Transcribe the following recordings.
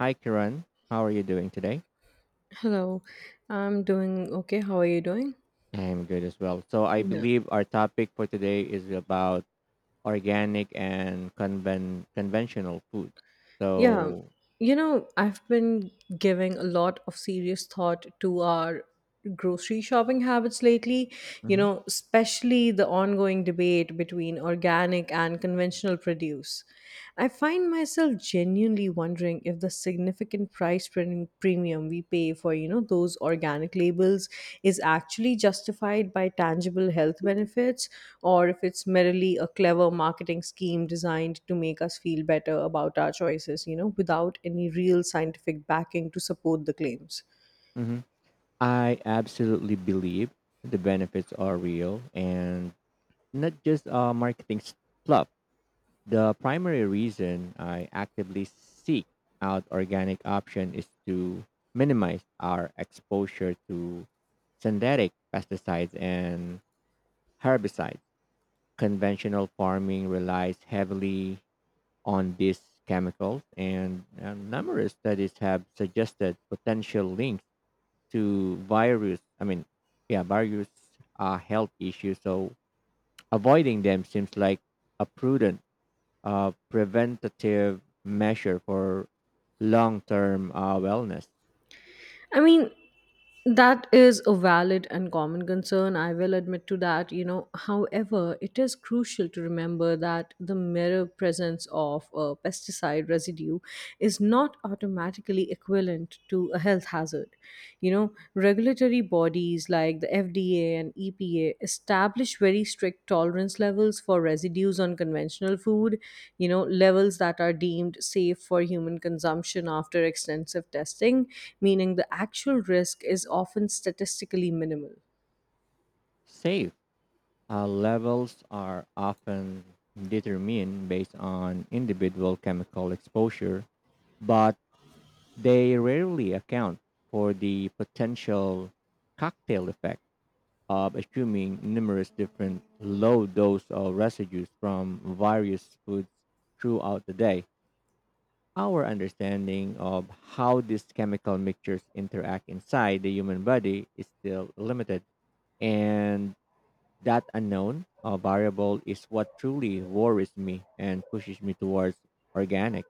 Hi, Kiran. How are you doing today? Hello, I'm doing okay. How are you doing? I'm good as well. So, I Yeah. believe our topic for today is about organic and conventional food. Yeah. So, You know, I've been giving a lot of serious thought to our grocery shopping habits lately, you hmm know, especially the ongoing debate between organic and conventional produce. I find myself genuinely wondering if the significant price premium we pay for those organic labels is actually justified by tangible health benefits or if it's merely a clever marketing scheme designed to make us feel better about our choices without any real scientific backing to support the claims. mhm, I absolutely believe the benefits are real and not just marketing fluff. The primary reason I actively seek out organic option is to minimize our exposure to synthetic pesticides and herbicides conventional farming relies heavily on these chemicals, and numerous studies have suggested potential links to yeah, various health issues. So avoiding them seems like a prudent, preventative measure for long-term wellness. I mean, that is a valid and common concern. I will admit to that, you know. However, it is crucial to remember that the mere presence of a pesticide residue is not automatically equivalent to a health hazard. You know, regulatory bodies like the FDA and EPA establish very strict tolerance levels for residues on conventional food, you know, levels that are deemed safe for human consumption after extensive testing, meaning the actual risk is often statistically minimal. Safe levels are often determined based on individual chemical exposure, but they rarely account for the potential cocktail effect of assuming numerous different low dose of residues from various foods throughout the day. Our understanding of how these chemical mixtures interact inside the human body is still limited, and that unknown variable is what truly worries me and pushes me towards organic.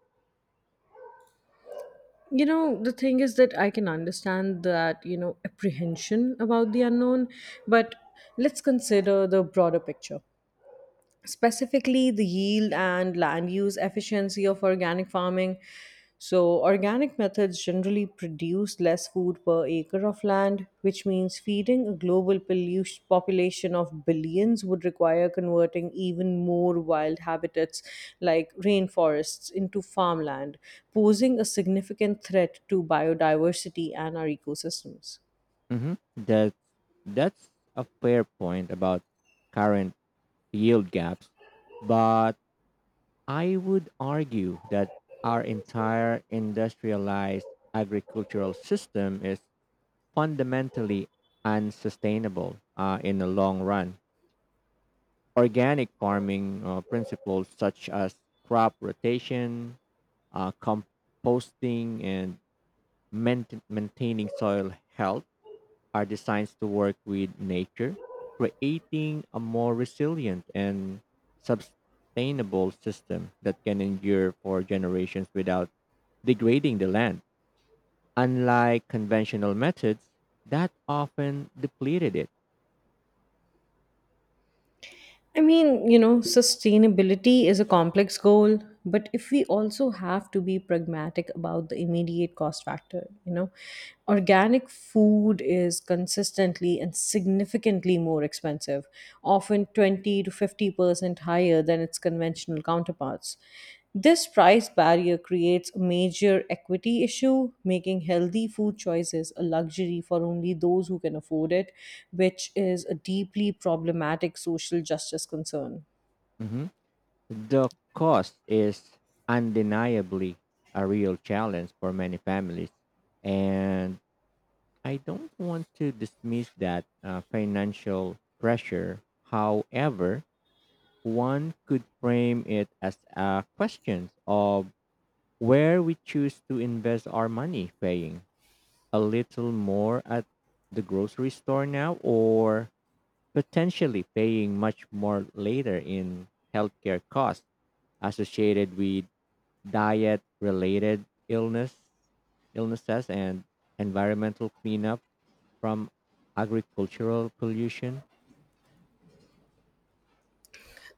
You know, the thing is that I can understand that, you know, apprehension about the unknown, but let's consider the broader picture, specifically the yield and land use efficiency of organic farming. So, organic methods generally produce less food per acre of land, which means feeding a global population of billions would require converting even more wild habitats like rainforests into farmland, posing a significant threat to biodiversity and our ecosystems. hmm That's that's a fair point about current yield gaps, but I would argue that our entire industrialized agricultural system is fundamentally unsustainable in the long run. Organic farming principles such as crop rotation, composting, and maintaining soil health are designed to work with nature, creating a more resilient and sustainable system that can endure for generations without degrading the land, unlike conventional methods that often depleted it. I mean, you know, sustainability is a complex goal, but if we also have to be pragmatic about the immediate cost factor, you know, organic food is consistently and significantly more expensive, often 20 to 50% higher than its conventional counterparts. This price barrier creates a major equity issue, making healthy food choices a luxury for only those who can afford it, which is a deeply problematic social justice concern. Mhm. The cost is undeniably a real challenge for many families. And I don't want to dismiss that financial pressure. However, one could frame it as a question of where we choose to invest our money, paying a little more at the grocery store now or potentially paying much more later in healthcare costs associated with diet related illnesses and environmental cleanup from agricultural pollution.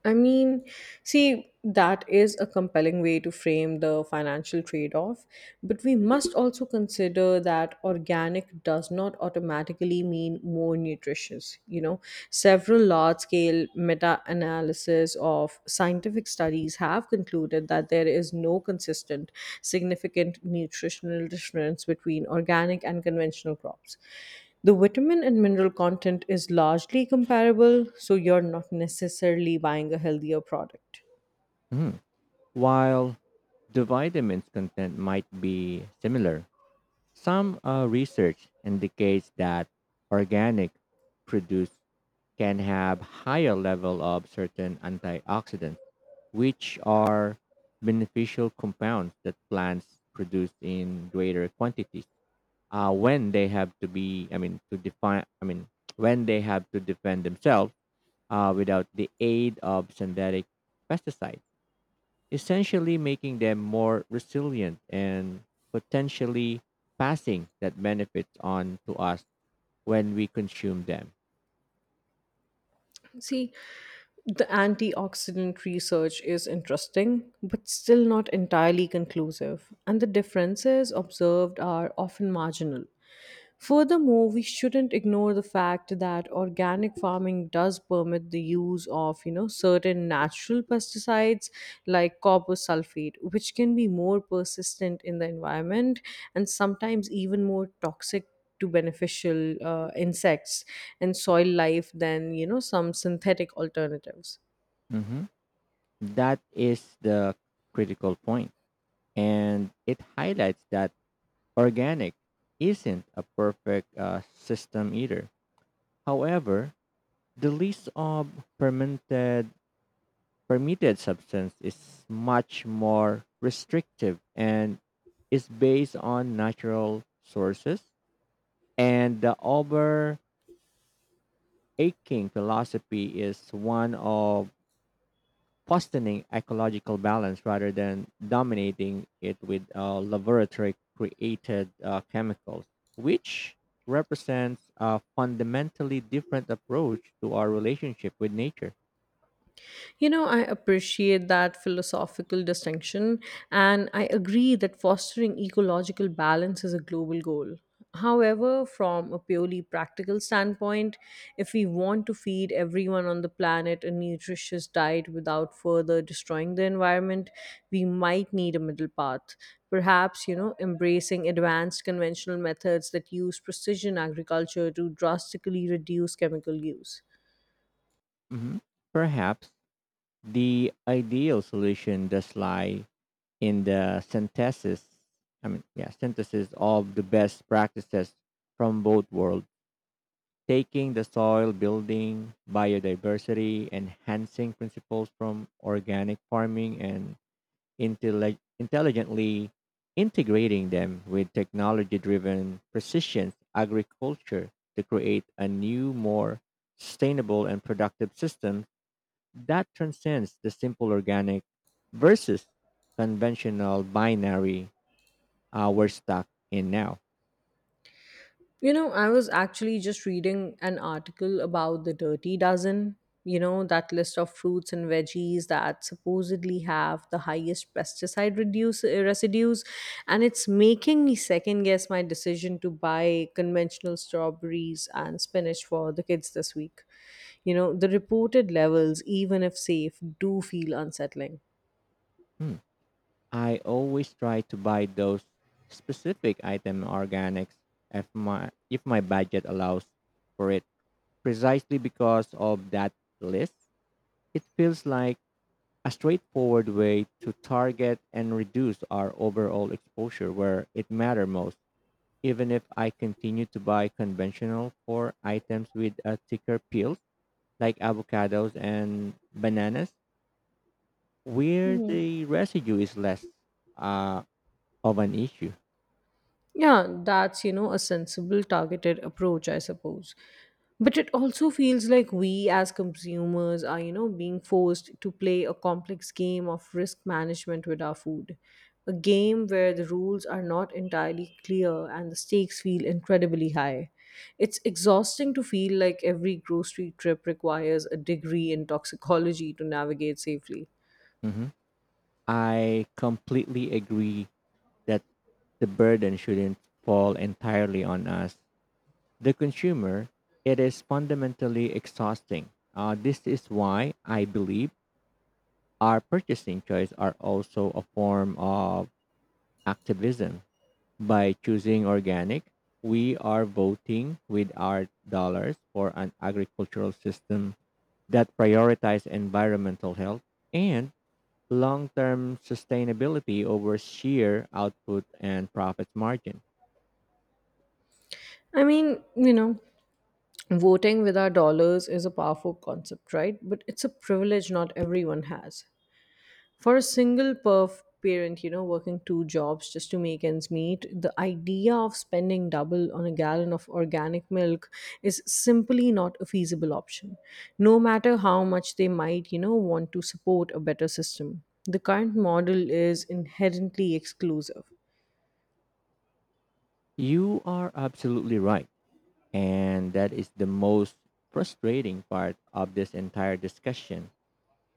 I mean, see, that is a compelling way to frame the financial trade off, but we must also consider that organic does not automatically mean more nutritious. You know, several large scale meta analysis of scientific studies have concluded that there is no consistent, significant nutritional difference between organic and conventional crops. The vitamin and mineral content is largely comparable, so you're not necessarily buying a healthier product. Mhm. While the vitamins content might be similar, some research indicates that organic produce can have higher level of certain antioxidants, which are beneficial compounds that plants produce in greater quantities. When they have to be, I mean, to define, I mean, when they have to defend themselves without the aid of synthetic pesticides, essentially making them more resilient and potentially passing that benefits on to us when we consume them. See, the antioxidant research is interesting, but still not entirely conclusive, and the differences observed are often marginal. Furthermore, we shouldn't ignore the fact that organic farming does permit the use of, you know, certain natural pesticides like copper sulfate, which can be more persistent in the environment and sometimes even more toxic to beneficial insects and soil life than some synthetic alternatives. Mhm. That is the critical point. And it highlights that organic isn't a perfect system either. However, the list of permitted permitted substance is much more restrictive and is based on natural sources. And the over aching philosophy is one of fostering ecological balance rather than dominating it with laboratory created chemicals, which represents a fundamentally different approach to our relationship with nature. You know, I appreciate that philosophical distinction, and I agree that fostering ecological balance is a global goal. However, from a purely practical standpoint, if we want to feed everyone on the planet a nutritious diet without further destroying the environment, we might need a middle path. Perhaps, you know, embracing advanced conventional methods that use precision agriculture to drastically reduce chemical use. Mhm. Perhaps the ideal solution does lie in the yeah, synthesis of the best practices from both worlds, taking the soil building, biodiversity enhancing principles from organic farming and intelligently integrating them with technology driven precision agriculture to create a new, more sustainable and productive system that transcends the simple organic versus conventional binary we're stuck in now. You know, I was actually just reading an article about the dirty dozen, you know, that list of fruits and veggies that supposedly have the highest pesticide residues. And it's making me second guess my decision to buy conventional strawberries and spinach for the kids this week. You know, the reported levels, even if safe, do feel unsettling. Hmm. I always try to buy those specific item organics if my budget allows for it. Precisely because of that list, it feels like a straightforward way to target and reduce our overall exposure where it matters most, even if I continue to buy conventional for items with a thicker peel, like avocados and bananas, where the residue is less uh, of an issue. Yeah, that's, you know, a sensible targeted approach, I suppose. But it also feels like we as consumers are, you know, being forced to play a complex game of risk management with our food. A game where the rules are not entirely clear and the stakes feel incredibly high. It's exhausting to feel like every grocery trip requires a degree in toxicology to navigate safely. Mhm. I completely agree that the burden shouldn't fall entirely on us, the consumer. It is fundamentally exhausting. This is why I believe our purchasing choice are also a form of activism. By choosing organic, we are voting with our dollars for an agricultural system that prioritizes environmental health and long-term sustainability over sheer output and profit margin. I mean, you know, voting with our dollars is a powerful concept, right? But it's a privilege not everyone has. For a single perf parent, you know, working two jobs just to make ends meet, the idea of spending double on a gallon of organic milk is simply not a feasible option, no matter how much they might, you know, want to support a better system. The current model is inherently exclusive. You are absolutely right, and that is the most frustrating part of this entire discussion.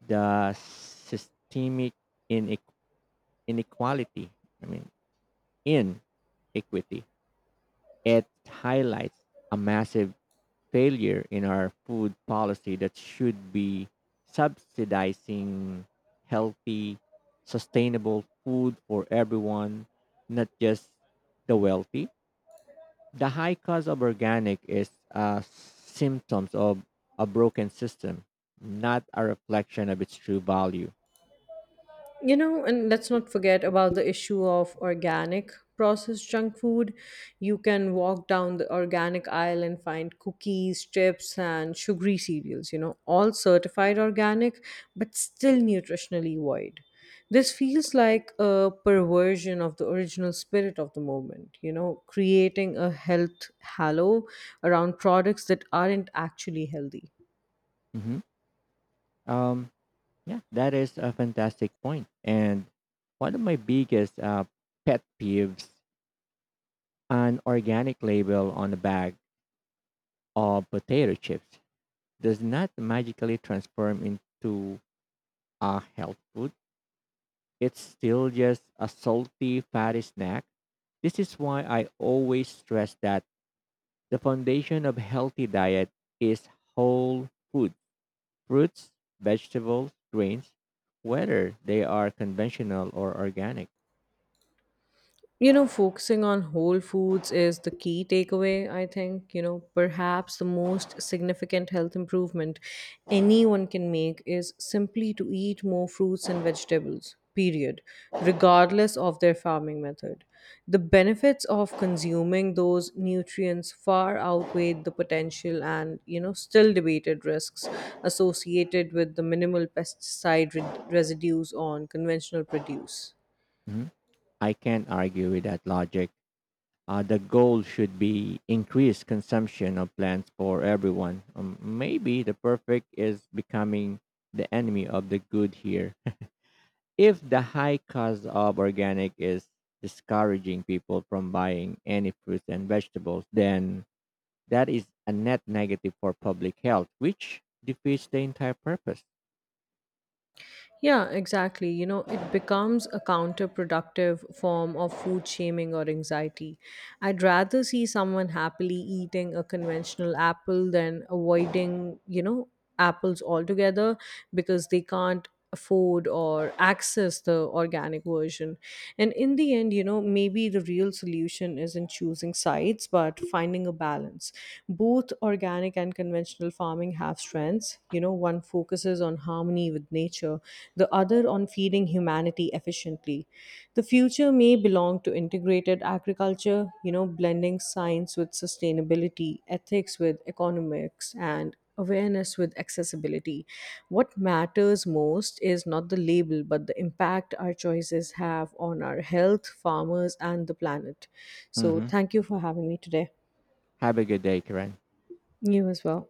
The systemic inequality, I mean, inequity. It highlights a massive failure in our food policy that should be subsidizing healthy, sustainable food for everyone, not just the wealthy. The high cost of organic is a symptoms of a broken system, not a reflection of its true value. You know, and let's not forget about the issue of organic processed junk food. You can walk down the organic aisle and find cookies, chips, and sugary cereals, you know, all certified organic, but still nutritionally void. This feels like a perversion of the original spirit of the movement, you know, creating a health halo around products that aren't actually healthy. hmm Um, yeah, that is a fantastic point. And one of my biggest pet peeves, an organic label on a bag of potato chips does not magically transform into a health food. It's still just a salty, fatty snack. This is why I always stress that the foundation of healthy diet is whole food, fruits, vegetables, grains, whether they are conventional or organic. You know, focusing on whole foods is the key takeaway, I think. You know, perhaps the most significant health improvement anyone can make is simply to eat more fruits and vegetables, period, regardless of their farming method. The benefits of consuming those nutrients far outweigh the potential and, you know, still debated risks associated with the minimal pesticide residues on conventional produce. Mhm. I can't argue with that logic. The goal should be increased consumption of plants for everyone. Maybe the perfect is becoming the enemy of the good here. If the high cost of organic is discouraging people from buying any fruits and vegetables, then that is a net negative for public health, which defeats the entire purpose. Yeah, exactly. You know, it becomes a counterproductive form of food shaming or anxiety. I'd rather see someone happily eating a conventional apple than avoiding, you know, apples altogether because they can't afford or access the organic version. And in the end, you know, maybe the real solution isn't choosing sides, but finding a balance. Both organic and conventional farming have strengths. You know, one focuses on harmony with nature, the other on feeding humanity efficiently. The future may belong to integrated agriculture, you know, blending science with sustainability, ethics with economics, and awareness with accessibility. What matters most is not the label, but the impact our choices have on our health, farmers, and the planet. So, Hmm. thank you for having me today. Have a good day, Kiran. You as well.